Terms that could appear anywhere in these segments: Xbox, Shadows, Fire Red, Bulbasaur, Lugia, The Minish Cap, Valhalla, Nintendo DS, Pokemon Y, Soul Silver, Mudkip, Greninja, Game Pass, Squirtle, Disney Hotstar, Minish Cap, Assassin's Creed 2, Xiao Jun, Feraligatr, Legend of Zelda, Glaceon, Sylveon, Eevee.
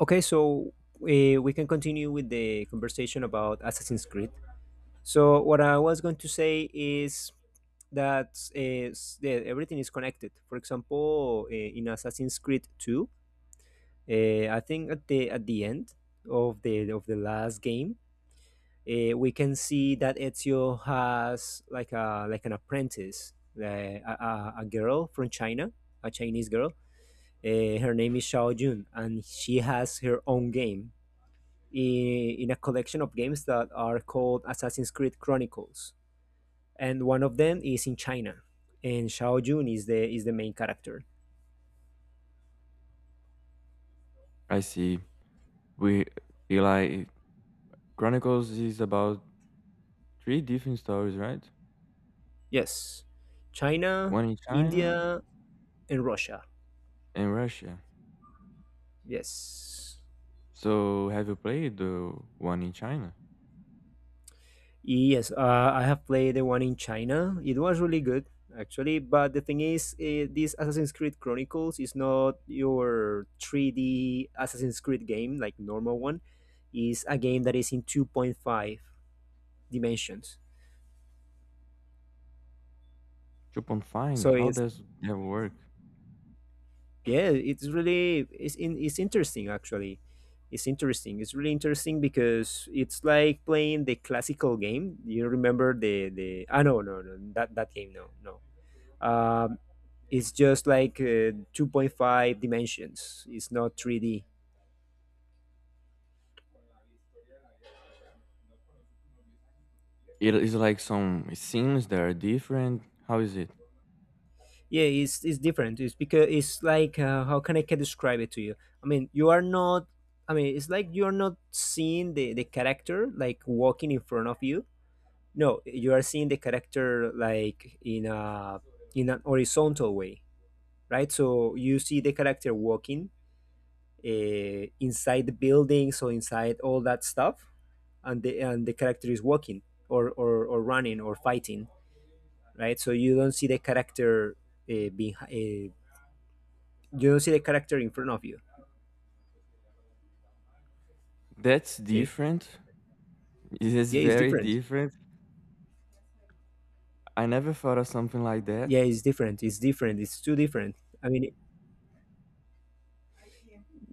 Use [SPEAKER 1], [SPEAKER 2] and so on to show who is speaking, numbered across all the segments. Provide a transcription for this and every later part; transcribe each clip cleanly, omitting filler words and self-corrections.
[SPEAKER 1] Okay, so we can continue with the conversation about Assassin's Creed. So what I was going to say is that that everything is connected. For example, in Assassin's Creed Two, I think at the end of the last game, we can see that Ezio has like an apprentice, uh, a, a a girl from China, a Chinese girl. Her name is Xiao Jun, and she has her own game in a collection of games that are called Assassin's Creed Chronicles, and one of them is in China, and Xiao Jun is the main character.
[SPEAKER 2] I see. We Eli, Chronicles is about three different stories, right?
[SPEAKER 1] Yes, China,
[SPEAKER 2] One in China
[SPEAKER 1] India, and Russia.
[SPEAKER 2] and Russia.
[SPEAKER 1] Yes.
[SPEAKER 2] So have you played the one in China?
[SPEAKER 1] Yes, I have played the one in China. It was really good, actually. But the thing is, this Assassin's Creed Chronicles is not your 3D Assassin's Creed game like normal one. Is a game that is in 2.5 dimensions.
[SPEAKER 2] You can find
[SPEAKER 1] So
[SPEAKER 2] how
[SPEAKER 1] it's
[SPEAKER 2] does that work?
[SPEAKER 1] yeah, it's really it's interesting actually. It's interesting. It's really interesting because it's like playing the classical game. You remember the ah no no no that that game no no. Um, it's just like 2.5 dimensions. It's not 3d.
[SPEAKER 2] It is like some scenes that are different. How is it?
[SPEAKER 1] It's different. It's because it's like, how can I can describe it to you? I mean, you are not, I mean, it's like you're not seeing the character like walking in front of you. No, you are seeing the character like in a, in an horizontal way, right? So you see the character walking inside the building, so inside all that stuff, and the character is walking or running or fighting, right? So you don't see the character behind. You don't see the character in front of you.
[SPEAKER 2] That's
[SPEAKER 1] See,
[SPEAKER 2] different. It is
[SPEAKER 1] yeah, it's
[SPEAKER 2] very
[SPEAKER 1] different.
[SPEAKER 2] different. I never thought of something like that.
[SPEAKER 1] Yeah, it's different. It's different. It's too different. I mean,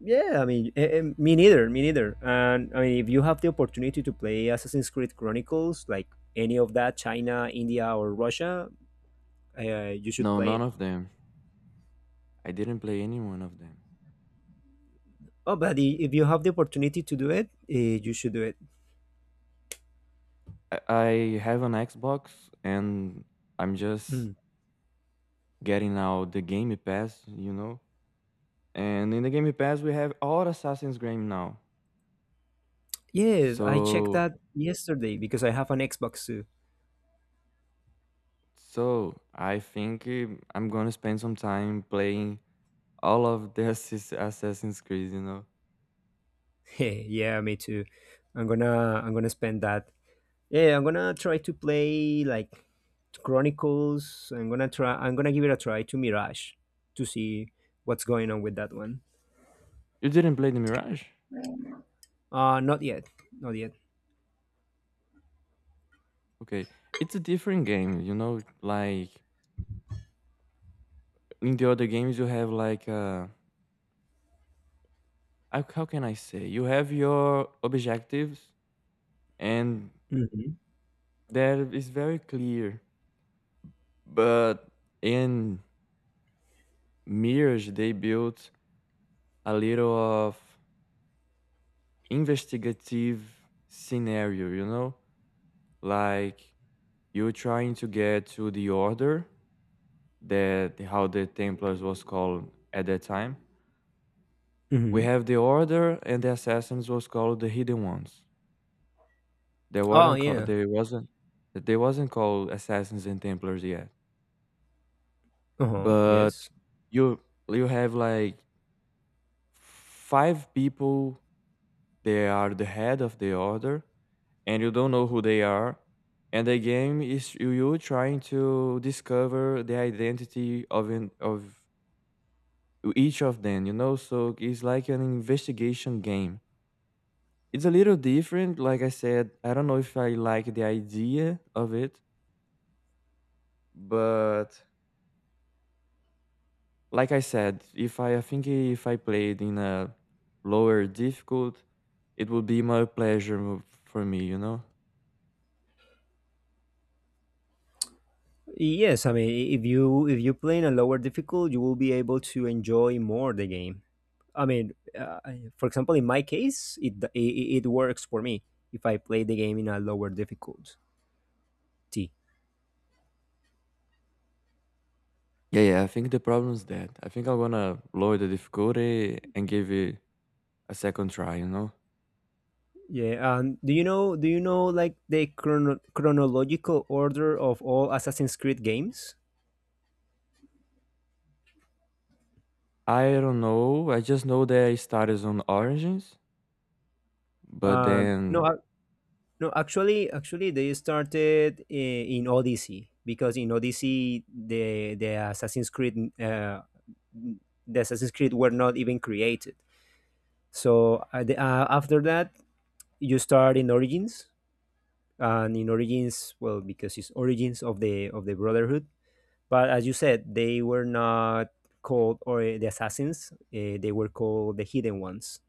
[SPEAKER 1] yeah, I mean, me neither, me neither. And I mean, if you have the opportunity to play Assassin's Creed Chronicles, like any of that, China, India, or Russia, you should
[SPEAKER 2] No,
[SPEAKER 1] play
[SPEAKER 2] none
[SPEAKER 1] it.
[SPEAKER 2] of them. I didn't play any one of them.
[SPEAKER 1] Oh, but if you have the opportunity to do it, you should do it.
[SPEAKER 2] I have an Xbox and I'm just
[SPEAKER 1] Mm.
[SPEAKER 2] getting now the Game Pass, you know. And in the Game Pass, we have all Assassin's Game now.
[SPEAKER 1] Yes, I checked
[SPEAKER 2] So,
[SPEAKER 1] that yesterday because I have an Xbox too.
[SPEAKER 2] so, I think I'm gonna spend some time playing all of the Assassin's Creed. You know,
[SPEAKER 1] Yeah, me too. I'm gonna spend that. Yeah, I'm gonna try to play like Chronicles. I'm gonna try. I'm gonna give it a try to Mirage to see what's going on with that one.
[SPEAKER 2] you didn't play the Mirage?
[SPEAKER 1] Uh, not yet, not yet.
[SPEAKER 2] Okay, it's a different game. You know, like in the other games, you have like how can I say? You have your objectives, and
[SPEAKER 1] Hmm.
[SPEAKER 2] that is very clear. But in Mirage, they built a little of investigative scenario, you know? Like you trying to get to the order that how the Templars was called at that time. We
[SPEAKER 1] Hmm.
[SPEAKER 2] have the order and the assassins was called the hidden ones. They
[SPEAKER 1] Oh
[SPEAKER 2] weren't called
[SPEAKER 1] yeah.
[SPEAKER 2] they wasn't called assassins and Templars yet.
[SPEAKER 1] Uh huh.
[SPEAKER 2] But
[SPEAKER 1] Yes.
[SPEAKER 2] you you have like five people they are the head of the order and you don't know who they are. And the game is you trying to discover the identity of each of them, you know? So it's like an investigation game. It's a little different, like I said. I don't know if I like the idea of it, but like I said, if I, I think if I played in a lower difficult, it would be more pleasure for me, you know?
[SPEAKER 1] Yes. I mean, if you play in a lower difficult, you will be able to enjoy more the game. I mean, for example, in my case, it works for me if I play the game in a lower difficult. T.
[SPEAKER 2] Yeah, yeah, I think the problem is that. I think I'm gonna lower the difficulty and give it a second try, you know?
[SPEAKER 1] Yeah, and do you know like the chronological order of all Assassin's Creed games?
[SPEAKER 2] I don't know. I just know that I started on Origins, but
[SPEAKER 1] No,
[SPEAKER 2] then
[SPEAKER 1] ac- no, actually, actually they started in Odyssey, because in Odyssey the Assassin's Creed, the Assassin's Creed were not even created. So after that, you start in Origins, and in Origins, well, because it's Origins of the Brotherhood. But as you said, they were not called or, the assassins. They were called the hidden ones.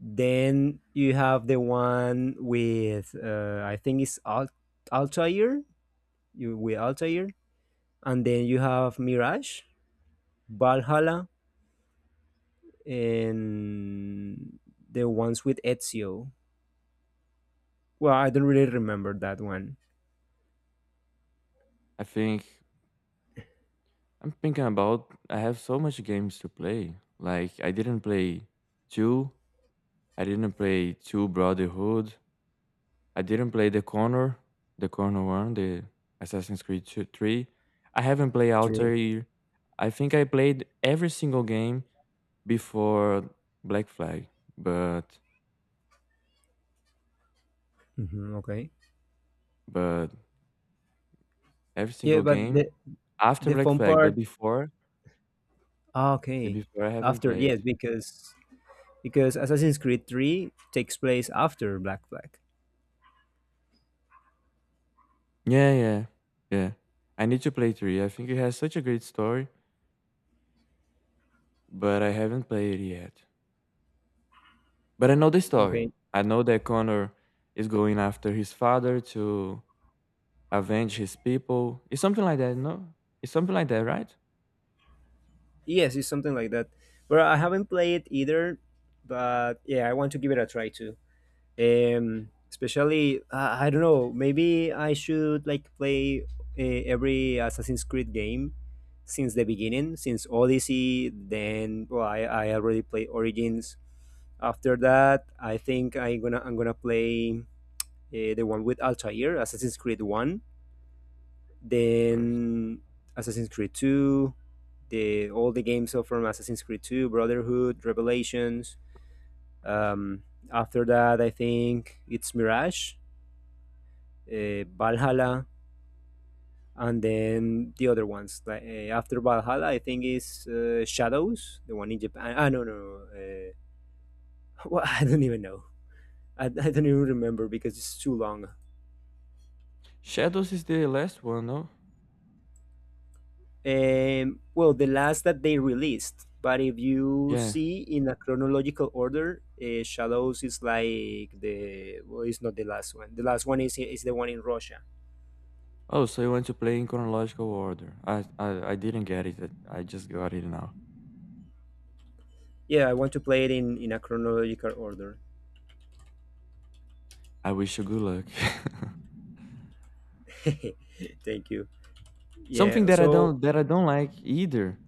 [SPEAKER 1] Then you have the one with I think it's Altair. You with Altair, and then you have Mirage, Valhalla, and the ones with Ezio. Well, I don't really remember that one.
[SPEAKER 2] I think I'm thinking about I have so much games to play. Like I didn't play two. I didn't play two Brotherhood. I didn't play the Corner one, the Assassin's Creed 2, three. I haven't played
[SPEAKER 1] 3.
[SPEAKER 2] Outer. Year. I think I played every single game before Black Flag, but
[SPEAKER 1] Mm-hmm, okay.
[SPEAKER 2] but every
[SPEAKER 1] Yeah,
[SPEAKER 2] single
[SPEAKER 1] but
[SPEAKER 2] game?
[SPEAKER 1] the
[SPEAKER 2] After Black
[SPEAKER 1] fun
[SPEAKER 2] Flag, but
[SPEAKER 1] part.
[SPEAKER 2] before
[SPEAKER 1] Ah,
[SPEAKER 2] the
[SPEAKER 1] okay.
[SPEAKER 2] before I haven't
[SPEAKER 1] After yes,
[SPEAKER 2] played.
[SPEAKER 1] because Assassin's Creed 3 takes place after Black Flag.
[SPEAKER 2] Yeah, yeah. Yeah. I need to play 3. I think it has such a great story, but I haven't played it yet. But I know the story.
[SPEAKER 1] Okay.
[SPEAKER 2] I know that Connor is going after his father to avenge his people. It's something like that, no? It's something like that, right?
[SPEAKER 1] Yes, it's something like that. But I haven't played it either, but yeah, I want to give it a try too. Um, especially, I don't know, maybe I should like play every Assassin's Creed game since the beginning, since Odyssey, then well, I already played Origins. After that, I think I'm gonna play the one with Altair, Assassin's Creed One,
[SPEAKER 2] First.
[SPEAKER 1] then Assassin's Creed 2, the all the games from Assassin's Creed 2, Brotherhood, Revelations. Um, after that, I think it's Mirage, Valhalla, and then the other ones. Like, after Valhalla, I think is Shadows, the one in Japan. Ah, no, no. Well, I don't even know. I don't even remember because it's too long.
[SPEAKER 2] Shadows is the last one, no?
[SPEAKER 1] Well, the last that they released. But if you
[SPEAKER 2] Yeah.
[SPEAKER 1] see in a chronological order, Shadows is like the, well, it's not the last one. The last one is the one in Russia.
[SPEAKER 2] Oh, so you want to play in chronological order. I didn't get it. I just got it now.
[SPEAKER 1] Yeah, I want to play it in a chronological order.
[SPEAKER 2] I wish you good luck.
[SPEAKER 1] Thank you.
[SPEAKER 2] Something
[SPEAKER 1] Yeah.
[SPEAKER 2] that I
[SPEAKER 1] So.
[SPEAKER 2] don't that I don't like either.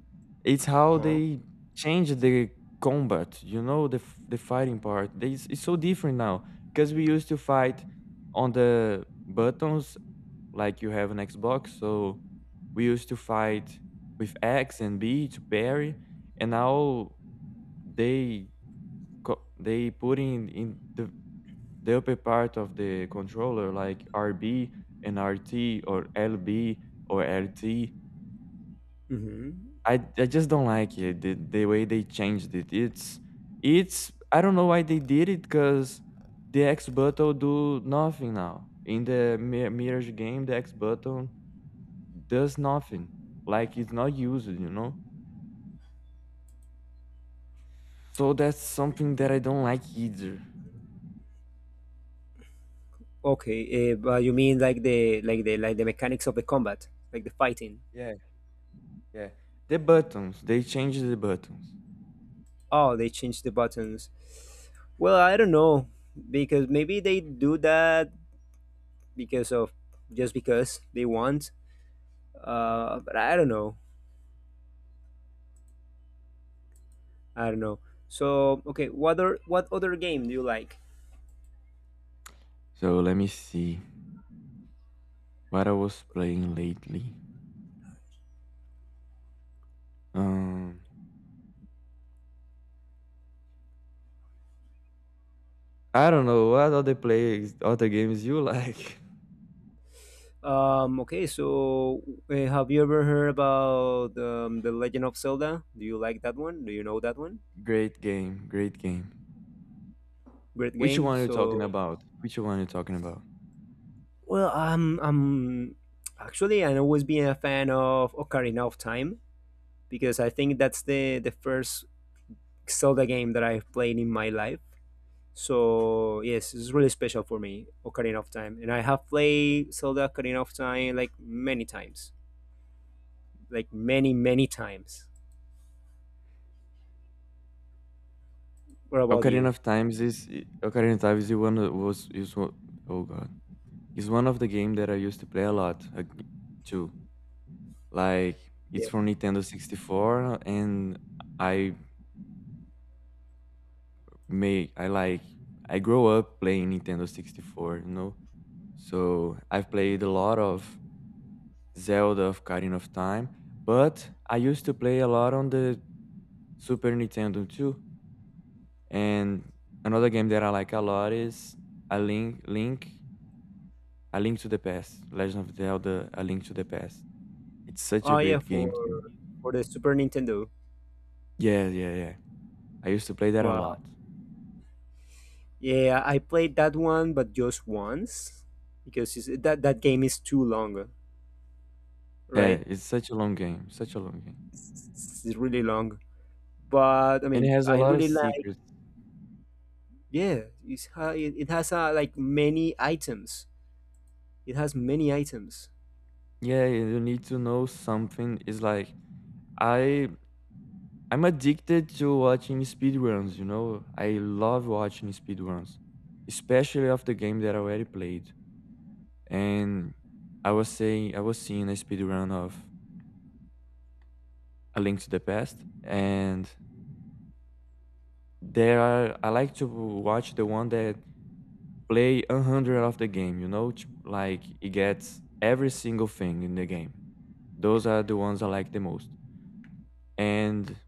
[SPEAKER 2] It's how
[SPEAKER 1] Huh?
[SPEAKER 2] they change the combat. You know the fighting part. It's so different now because we used to fight on the buttons like you have an Xbox. So we used to fight with X and B to parry, and now they they put in the upper part of the controller like RB and RT or LB or LT.
[SPEAKER 1] Mhm.
[SPEAKER 2] I just don't like it the way they changed it. It's I don't know why they did it because the X button do nothing now in the Mirage game. The X button does nothing like it's not used, you know. So that's something that I don't like either.
[SPEAKER 1] Okay. But you mean like the like the mechanics of the combat, like the fighting?
[SPEAKER 2] Yeah, yeah. The buttons they changed the buttons.
[SPEAKER 1] Oh, they changed the buttons. Well, I don't know, because maybe they do that because of, just because they want. But I don't know. I don't know. So okay, what other game do you like?
[SPEAKER 2] So let me see. What I was playing lately? Um, I don't know what other games you like.
[SPEAKER 1] Okay, so have you ever heard about the Legend of Zelda? Do you like that one? Do you know that one?
[SPEAKER 2] Great game, great game.
[SPEAKER 1] Great
[SPEAKER 2] Which
[SPEAKER 1] game.
[SPEAKER 2] one are you talking
[SPEAKER 1] So
[SPEAKER 2] about? Which one are you talking about?
[SPEAKER 1] well, I'm actually, I've always been a fan of Ocarina of Time, because I think that's the first Zelda game that I've played in my life. So yes, it's really special for me, Ocarina of Time, and I have played Zelda Ocarina of Time like many times, like many times. What about you?
[SPEAKER 2] Ocarina of Times is one of- was is one, oh god, is one of the game that I used to play a lot too. Like it's
[SPEAKER 1] Yeah.
[SPEAKER 2] from Nintendo 64, and I may I like I grew up playing Nintendo 64, you know. So I've played a lot of Zelda of Ocarina of Time, but I used to play a lot on the Super Nintendo too. And another game that I like a lot is A Link Link A Link to the Past. Legend of Zelda A Link to the Past. It's such a
[SPEAKER 1] Oh yeah,
[SPEAKER 2] great
[SPEAKER 1] for
[SPEAKER 2] game too.
[SPEAKER 1] the Super Nintendo.
[SPEAKER 2] Yeah, yeah, yeah. I used to play that a
[SPEAKER 1] Wow.
[SPEAKER 2] lot.
[SPEAKER 1] Yeah, I played that one, but just once because it's, that that game is too long,
[SPEAKER 2] Yeah,
[SPEAKER 1] right?
[SPEAKER 2] it's such a long game, such a long game.
[SPEAKER 1] It's really long. But I
[SPEAKER 2] And it
[SPEAKER 1] mean,
[SPEAKER 2] has a
[SPEAKER 1] I
[SPEAKER 2] lot of
[SPEAKER 1] really like.
[SPEAKER 2] secrets.
[SPEAKER 1] Yeah, it it has like many items. It has many items.
[SPEAKER 2] Yeah, you need to know something. It's like I I'm addicted to watching speedruns, you know? I love watching speedruns, especially of the game that I already played. And I was seeing a speedrun of A Link to the Past, and there are I like to watch the one that play 100 of the game, you know, like it gets every single thing in the game. Those are the ones I like the most. And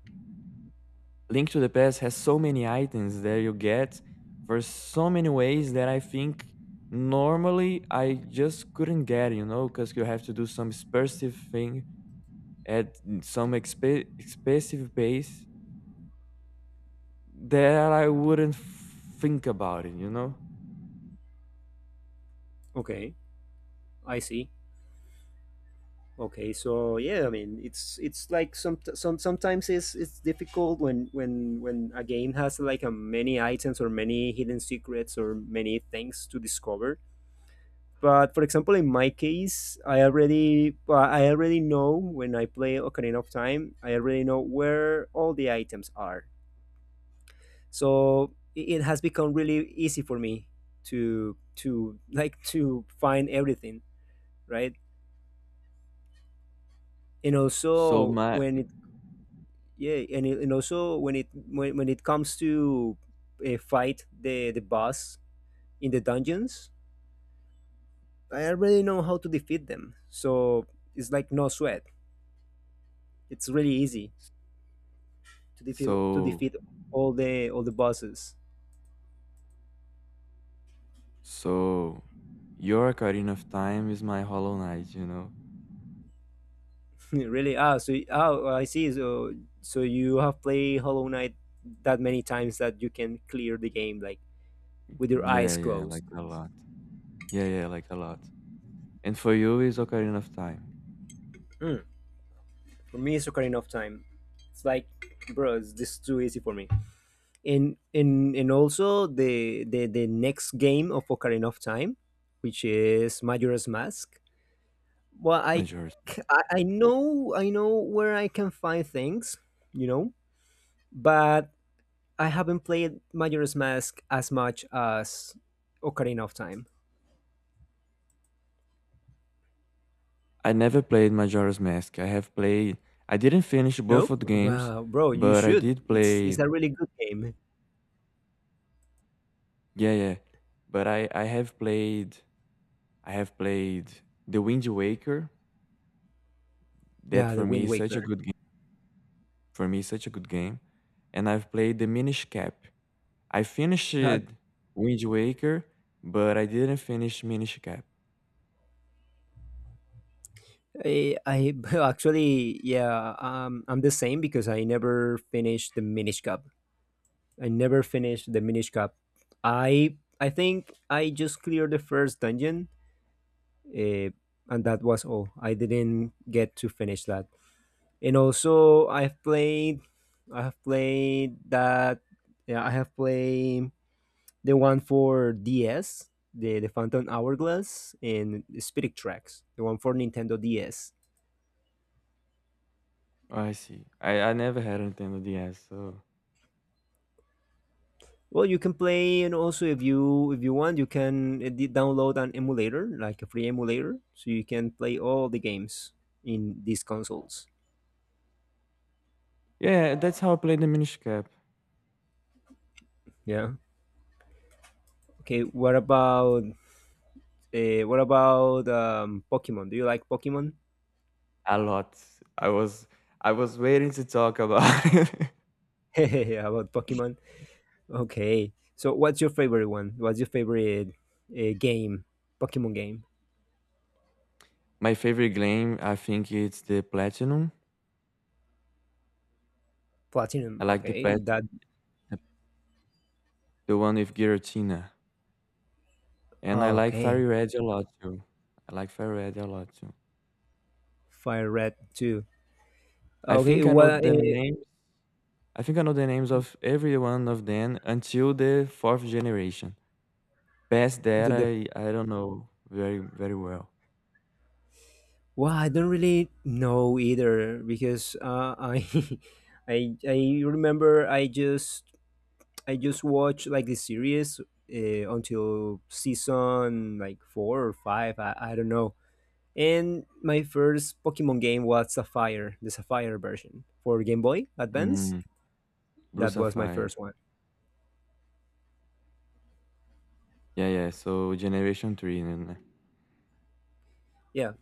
[SPEAKER 2] Link to the Past has so many items that you get for so many ways that I think normally I just couldn't get, you know, because you have to do some expressive thing at some expressive pace that I wouldn't think about it, you know?
[SPEAKER 1] Okay, I see. Okay, so yeah, I mean, it's like some sometimes it's difficult when a game has like a many items or many hidden secrets or many things to discover. But for example, in my case, I already, well, I already know, when I play Ocarina of Time, I already know where all the items are. So it has become really easy for me to like to find everything, right? And
[SPEAKER 2] So
[SPEAKER 1] also
[SPEAKER 2] my
[SPEAKER 1] when it yeah, and, and also when it, when it comes to fight the boss in the dungeons, I already know how to defeat them, so it's like no sweat. It's really easy to defeat
[SPEAKER 2] so
[SPEAKER 1] all the bosses.
[SPEAKER 2] so your Ocarina of Time is my Hollow Knight, you know?
[SPEAKER 1] Really? Ah, so oh I see. So, so you have played Hollow Knight that many times that you can clear the game like with your
[SPEAKER 2] Yeah,
[SPEAKER 1] eyes
[SPEAKER 2] yeah,
[SPEAKER 1] closed.
[SPEAKER 2] like a lot. Yeah, yeah, like a lot. And for you is Ocarina of Time,
[SPEAKER 1] Mm, for me it's Ocarina of Time. It's like, bro, this is too easy for me. And and also the next game of Ocarina of Time, which is Majora's Mask. Well,
[SPEAKER 2] majority.
[SPEAKER 1] I know, where I can find things, you know, but I haven't played Majora's Mask as much as Ocarina of Time.
[SPEAKER 2] I never played Majora's Mask. I have played I didn't finish both
[SPEAKER 1] No,
[SPEAKER 2] of the games,
[SPEAKER 1] well, bro, you
[SPEAKER 2] but I
[SPEAKER 1] should.
[SPEAKER 2] did
[SPEAKER 1] It's
[SPEAKER 2] play
[SPEAKER 1] a really good game.
[SPEAKER 2] yeah, yeah. But I have played The Wind Waker. That
[SPEAKER 1] Yeah,
[SPEAKER 2] for
[SPEAKER 1] the
[SPEAKER 2] me
[SPEAKER 1] Wind
[SPEAKER 2] is such a
[SPEAKER 1] Waker.
[SPEAKER 2] good game. For me, such a good game. And I've played The Minish Cap. I finished
[SPEAKER 1] Uh,
[SPEAKER 2] Wind Waker, but I didn't finish Minish Cap.
[SPEAKER 1] I actually, yeah, um, I'm the same because I never finished the Minish Cup. I never finished the Minish Cap. I think I just cleared the first dungeon, uh, and that was all. I didn't get to finish that. And also, I have played that. Yeah, I have played the one for DS, the Phantom Hourglass, and the Spirit Tracks, the one for Nintendo DS.
[SPEAKER 2] Oh, I see. I never had a Nintendo DS, so
[SPEAKER 1] Well, you can play, and also if you want, you can download an emulator, like a free emulator, so you can play all the games in these consoles.
[SPEAKER 2] yeah, that's how I played The Minish Cap.
[SPEAKER 1] Yeah. Okay. What about, what about, Pokemon? Do you like Pokemon?
[SPEAKER 2] A lot. I was I was waiting to talk about it.
[SPEAKER 1] How about Pokemon? Okay. So, what's your favorite one? What's your favorite game? Pokemon game?
[SPEAKER 2] My favorite game, I think it's the Platinum.
[SPEAKER 1] Platinum.
[SPEAKER 2] I like the
[SPEAKER 1] Okay.
[SPEAKER 2] plat
[SPEAKER 1] That.
[SPEAKER 2] the the one with Giratina. And I like
[SPEAKER 1] Okay.
[SPEAKER 2] Fire Red a lot too. I like Fire Red a lot too.
[SPEAKER 1] Fire Red Two.
[SPEAKER 2] I
[SPEAKER 1] Okay.
[SPEAKER 2] think I know
[SPEAKER 1] What?
[SPEAKER 2] the names I think I know the names of every one of them until the fourth generation. Past that,
[SPEAKER 1] The
[SPEAKER 2] I don't know very very well.
[SPEAKER 1] Well, I don't really know either because, I remember I just, I just watched like the series until season like four or five. I don't know. And my first Pokemon game was Sapphire, the Sapphire version for Game Boy Advance.
[SPEAKER 2] Mm, Blue
[SPEAKER 1] That was my
[SPEAKER 2] Sapphire.
[SPEAKER 1] first one.
[SPEAKER 2] Yeah, yeah. So generation three, né?
[SPEAKER 1] Yeah.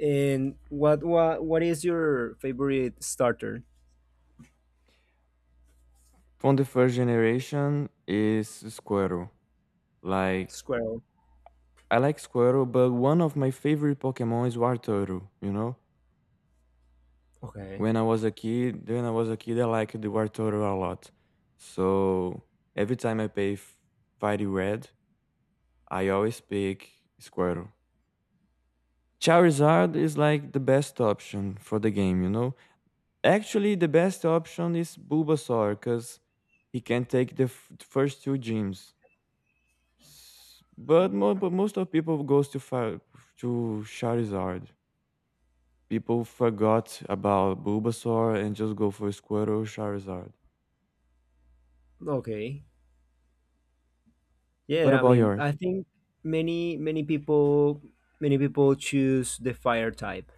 [SPEAKER 1] And what is your favorite starter?
[SPEAKER 2] From the first generation is Squirtle. Like
[SPEAKER 1] Squirrel.
[SPEAKER 2] I like Squirtle, but one of my favorite Pokemon is Wartortle, you know?
[SPEAKER 1] Okay.
[SPEAKER 2] When I was a kid, when I was a kid I liked the Wartortle a lot. So every time I pay Fiery Red, I always pick Squirtle. Charizard is like the best option for the game, you know? Actually the best option is Bulbasaur, because he can take the first two gyms. But mo but most of people goes to to Charizard. People forgot about Bulbasaur and just go for Squirtle, Charizard.
[SPEAKER 1] Okay.
[SPEAKER 2] What
[SPEAKER 1] Yeah, I
[SPEAKER 2] about
[SPEAKER 1] mean, I
[SPEAKER 2] yours?
[SPEAKER 1] think many people, many people choose the fire type.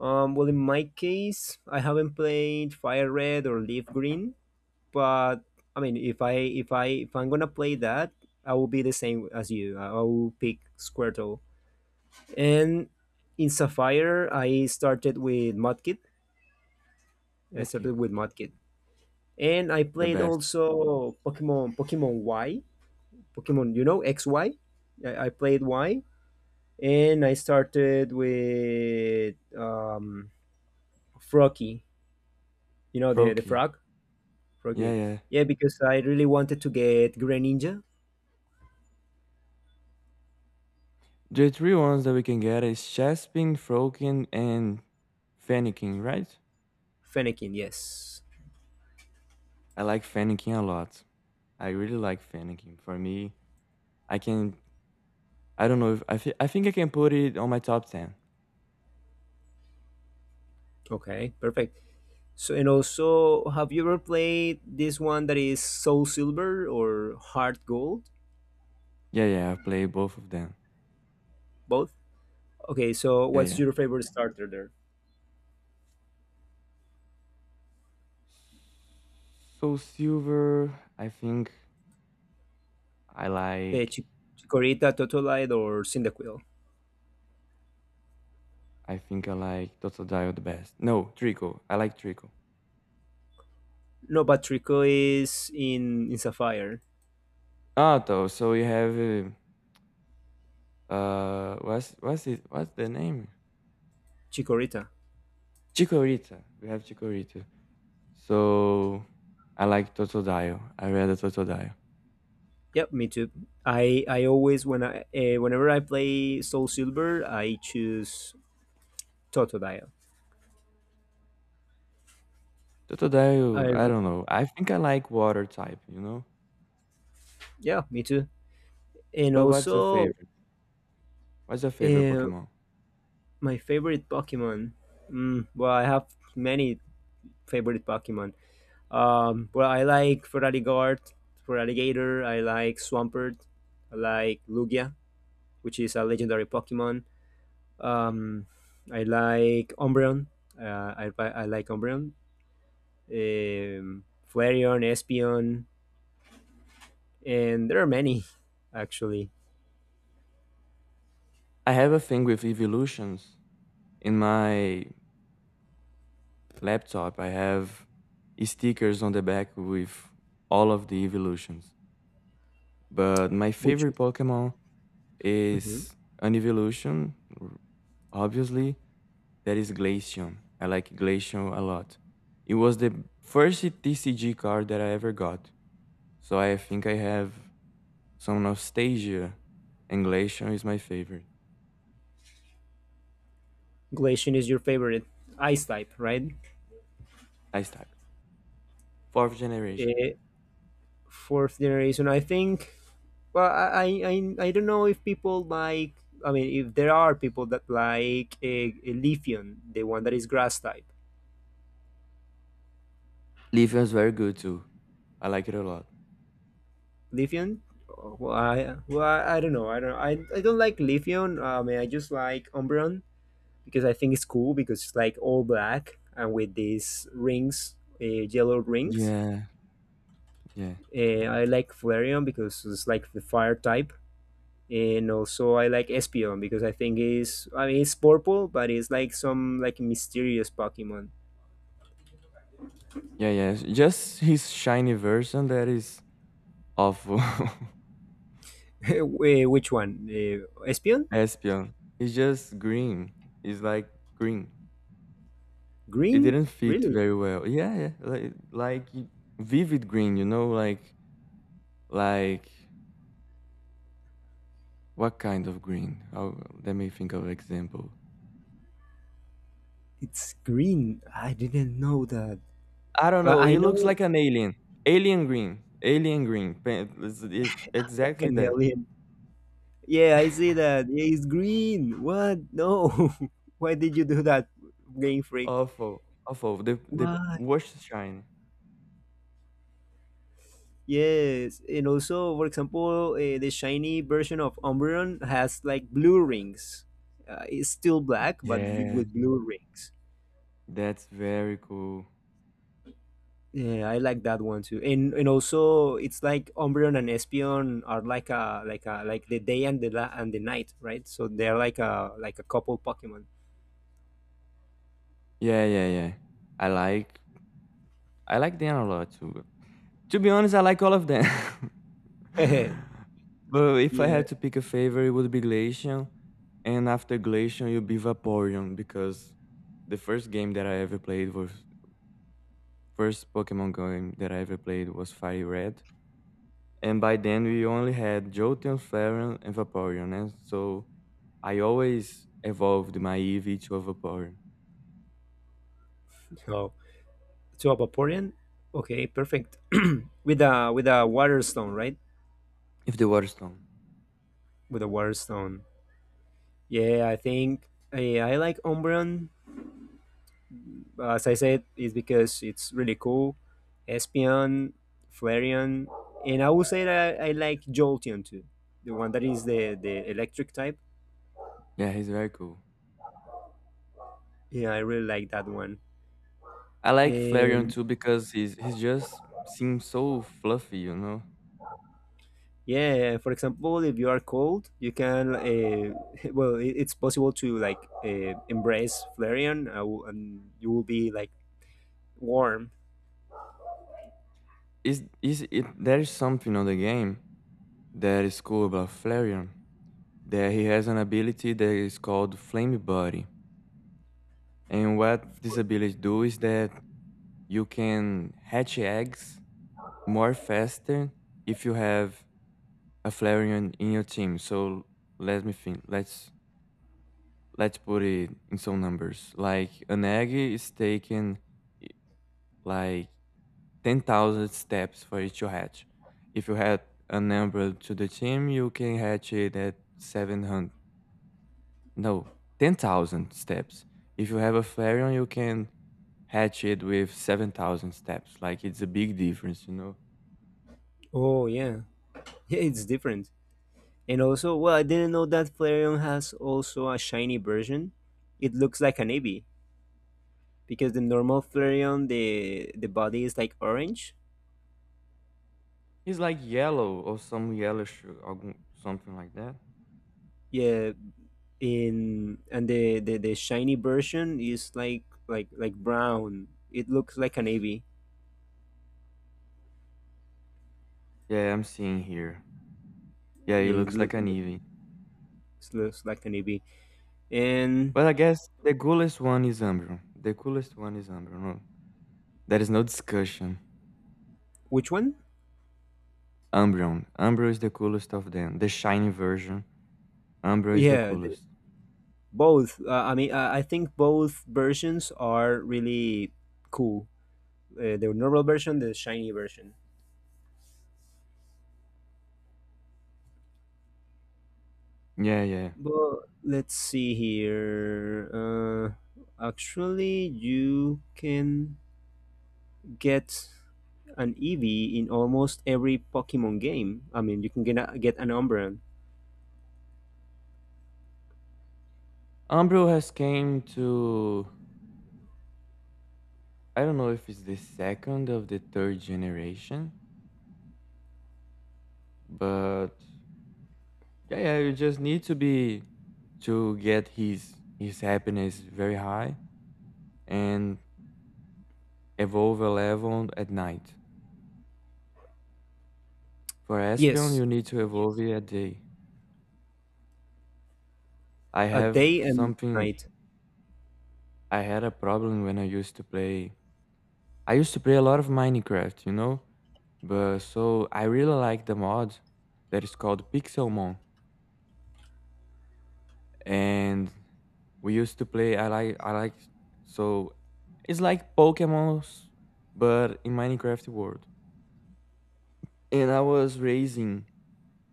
[SPEAKER 1] Well, in my case, I haven't played fire red or leaf green, but I mean, if I if I'm gonna play that, I will be the same as you. I will pick Squirtle. And in Sapphire, I started with Mudkip. I
[SPEAKER 2] Metki?
[SPEAKER 1] started with Mudkip, and I
[SPEAKER 2] The
[SPEAKER 1] played
[SPEAKER 2] best.
[SPEAKER 1] also Pokemon Y, Pokemon, you know, X Y. I played Y and I started with Frocky. You know the
[SPEAKER 2] Froakie,
[SPEAKER 1] frog,
[SPEAKER 2] yeah,
[SPEAKER 1] Froakie.
[SPEAKER 2] yeah.
[SPEAKER 1] Yeah, because I really wanted to get Greninja,
[SPEAKER 2] The three ones that we can get is Chespin, Froakie, and Fennekin, right?
[SPEAKER 1] Fennekin. Yes.
[SPEAKER 2] I like Fennekin a lot. I really like Fennekin. For me, I can. I don't know if I. I think I can put it on my top ten.
[SPEAKER 1] Okay, perfect. So and also, have you ever played this one that is Soul Silver or Heart Gold?
[SPEAKER 2] Yeah, yeah. I've played both of them.
[SPEAKER 1] Both. Okay, so
[SPEAKER 2] Yeah,
[SPEAKER 1] what's
[SPEAKER 2] yeah.
[SPEAKER 1] your favorite starter there?
[SPEAKER 2] So silver, I
[SPEAKER 1] Uh,
[SPEAKER 2] like.
[SPEAKER 1] Chi- Chikorita, Totolite, or Cyndaquil?
[SPEAKER 2] I think I like Totodile the best. No, Trico. I like Trico.
[SPEAKER 1] No, but Trico is in Sapphire.
[SPEAKER 2] Otto. So we have what's it? What's the name?
[SPEAKER 1] Chikorita.
[SPEAKER 2] Chikorita. We have Chikorita. So I like Totodile. I read the Totodile.
[SPEAKER 1] Yep, me too. I always when I whenever I play Soul Silver, I choose Totodile. I
[SPEAKER 2] Totodile. I
[SPEAKER 1] re-
[SPEAKER 2] don't know. I think I like Water type. You know.
[SPEAKER 1] yeah, me too. And
[SPEAKER 2] But what's your
[SPEAKER 1] also,
[SPEAKER 2] favorite? What's your favorite
[SPEAKER 1] uh,
[SPEAKER 2] Pokemon?
[SPEAKER 1] my favorite Pokemon. Mm, well, I have many favorite Pokemon. Well, I like Feraligatr, Feraligatr. I like Swampert. I like Lugia, which is a legendary Pokemon. Um, I like Umbreon. I like Umbreon. um, Flareon, Espeon, and there are many actually.
[SPEAKER 2] I have a thing with evolutions in my laptop, I have stickers on the back with all of the evolutions. But my
[SPEAKER 1] Which
[SPEAKER 2] favorite Pokemon
[SPEAKER 1] mhm.
[SPEAKER 2] is an evolution, obviously, that is Glaceon. I like Glaceon a lot. It was the first TCG card that I ever got. So I think I have some nostalgia, and Glaceon is my favorite.
[SPEAKER 1] Glacian is your favorite ice type, right?
[SPEAKER 2] Ice type. Fourth generation.
[SPEAKER 1] Uh, Fourth generation, I think. Well, I don't know if people like. I mean, if there are people that like a Leafeon, the one that is grass type,
[SPEAKER 2] Leafeon is very good too. I like it a lot.
[SPEAKER 1] Leafeon. Oh, well, I don't know. I don't like Leafeon. I mean, I just like Umbreon because I think it's cool because it's like all black and with these rings, yellow rings.
[SPEAKER 2] Yeah, yeah.
[SPEAKER 1] I like Flareon because it's like the fire type. And also I like Espion because I think it's I mean it's purple, but it's like some like mysterious Pokemon.
[SPEAKER 2] Yeah, yeah, just his shiny version that is awful.
[SPEAKER 1] Which one? Espion?
[SPEAKER 2] Espion. It's just green. It's like green. It
[SPEAKER 1] Green?
[SPEAKER 2] didn't fit
[SPEAKER 1] Really?
[SPEAKER 2] very well. Yeah, yeah. Like, vivid green, you know, like what kind of green? Oh, let me think of example.
[SPEAKER 1] It's green. I didn't know that.
[SPEAKER 2] I don't know.
[SPEAKER 1] I
[SPEAKER 2] It looks
[SPEAKER 1] know
[SPEAKER 2] like an alien. Alien green. Alien green.
[SPEAKER 1] like
[SPEAKER 2] Exactly
[SPEAKER 1] an
[SPEAKER 2] that.
[SPEAKER 1] alien. Yeah, I see that. Yeah, it's green. What? No. Why did you do that, Game Freak?
[SPEAKER 2] Awful. Awful. The
[SPEAKER 1] Why?
[SPEAKER 2] worst shine.
[SPEAKER 1] Yes, and also, for example, the shiny version of Umbreon has like blue rings. It's still black, but
[SPEAKER 2] Yeah,
[SPEAKER 1] with blue rings.
[SPEAKER 2] that's very cool.
[SPEAKER 1] Yeah, I like that one too. And also, it's like Umbreon and Espeon are like a like a like the day and the night, right? So they're like a couple Pokemon.
[SPEAKER 2] Yeah, yeah, yeah. I like I like them a lot too. To be honest, I like all of them. But if I
[SPEAKER 1] Yeah.
[SPEAKER 2] had to pick a favorite, it would be Glacian, and after Glacian, it would be Vaporeon because the first Pokemon game that I ever played was Fire Red, and by then we only had Jolteon, Flareon, and Vaporeon, and so I always evolved my Eevee to a Vaporeon.
[SPEAKER 1] Oh. To a Vaporeon? Okay, perfect. With a water stone, right?
[SPEAKER 2] If the Waterstone.
[SPEAKER 1] With a water stone. Yeah, I like Umbreon. As I said, it's because it's really cool. Espeon, Flareon, and I would say that I like Jolteon too, the one that is the electric type.
[SPEAKER 2] Yeah, he's very cool.
[SPEAKER 1] Yeah, I really like that one.
[SPEAKER 2] I like Flareon
[SPEAKER 1] Um,
[SPEAKER 2] too because he's just seems so fluffy, you know.
[SPEAKER 1] Yeah, yeah, for example, if you are cold, you can well, it's possible to like embrace Flareon, and you will be like warm.
[SPEAKER 2] Is it there is something on the game that is cool about Flareon that he has an ability that is called Flame Body, and what this ability do is that you can hatch eggs more faster if you have a Flareon in your team. So let me think. Let's put it in some numbers. Like an egg is taken i- like 10,000 steps for each hatch. If you add a number to the team, you can hatch it at 700. No, 10,000 steps. If you have a Flareon, you can hatch it with 7,000 steps. Like, it's a big difference, you know?
[SPEAKER 1] Oh yeah, yeah, it's different. And also, well, I didn't know that Flareon has also a shiny version. It looks like an Eevee because the normal Flareon, the body is like orange.
[SPEAKER 2] It's like yellow or some yellowish or something like that.
[SPEAKER 1] Yeah, in and the shiny version is like like brown. It looks like an Eevee.
[SPEAKER 2] Yeah, I'm seeing here. Yeah, it
[SPEAKER 1] It
[SPEAKER 2] looks
[SPEAKER 1] look,
[SPEAKER 2] like an Eevee.
[SPEAKER 1] It's looks like the navy. And
[SPEAKER 2] But I guess the coolest one is Umbreon. The coolest one is Umbreon. No, there is no discussion.
[SPEAKER 1] which one?
[SPEAKER 2] Umbreon. Umbro is the coolest of them. The shiny version. Umbro is the
[SPEAKER 1] Yeah, the,
[SPEAKER 2] coolest.
[SPEAKER 1] both. I think both versions are really cool. The normal version, the shiny version.
[SPEAKER 2] Yeah, yeah.
[SPEAKER 1] But let's see here. Actually, you can get an Eevee in almost every Pokemon game. I mean, you can get get an Umbreon.
[SPEAKER 2] Umbro has came to I don't know if it's the second of the third generation, but yeah, yeah, you just need to get his happiness very high and evolve a level at night. For Espion,
[SPEAKER 1] Yes,
[SPEAKER 2] you need to evolve it at day. I
[SPEAKER 1] a
[SPEAKER 2] have
[SPEAKER 1] day and
[SPEAKER 2] something
[SPEAKER 1] night.
[SPEAKER 2] I had a problem when I used to play a lot of Minecraft, you know? But so I really like the mod that is called Pixelmon, and we used to play. I like so it's like Pokemon's, but in Minecraft world. And I was raising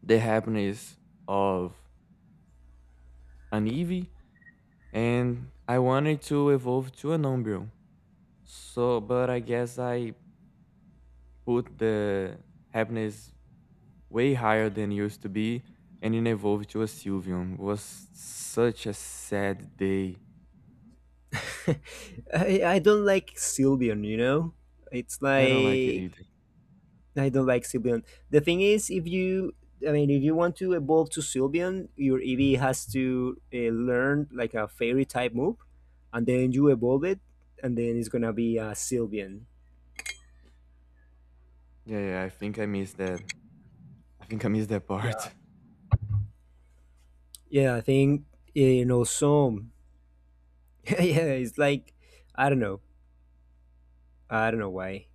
[SPEAKER 2] the happiness of an Eevee, and I wanted to evolve to an Umbreon. So, but I guess I put the happiness way higher than it used to be, and it evolved to a Sylveon. It was such a sad day.
[SPEAKER 1] I don't like Sylveon, you know? It's
[SPEAKER 2] I don't like it
[SPEAKER 1] like
[SPEAKER 2] either.
[SPEAKER 1] I don't like Sylveon. The thing is if you I mean if you want to evolve to Sylveon, your EV has to learn like a fairy type move and then you evolve it and then it's going to be a Sylveon.
[SPEAKER 2] Yeah, yeah, I think I missed that. I think I missed that
[SPEAKER 1] Yeah.
[SPEAKER 2] part.
[SPEAKER 1] Yeah, I think you know some yeah, it's like I don't know. I don't know why.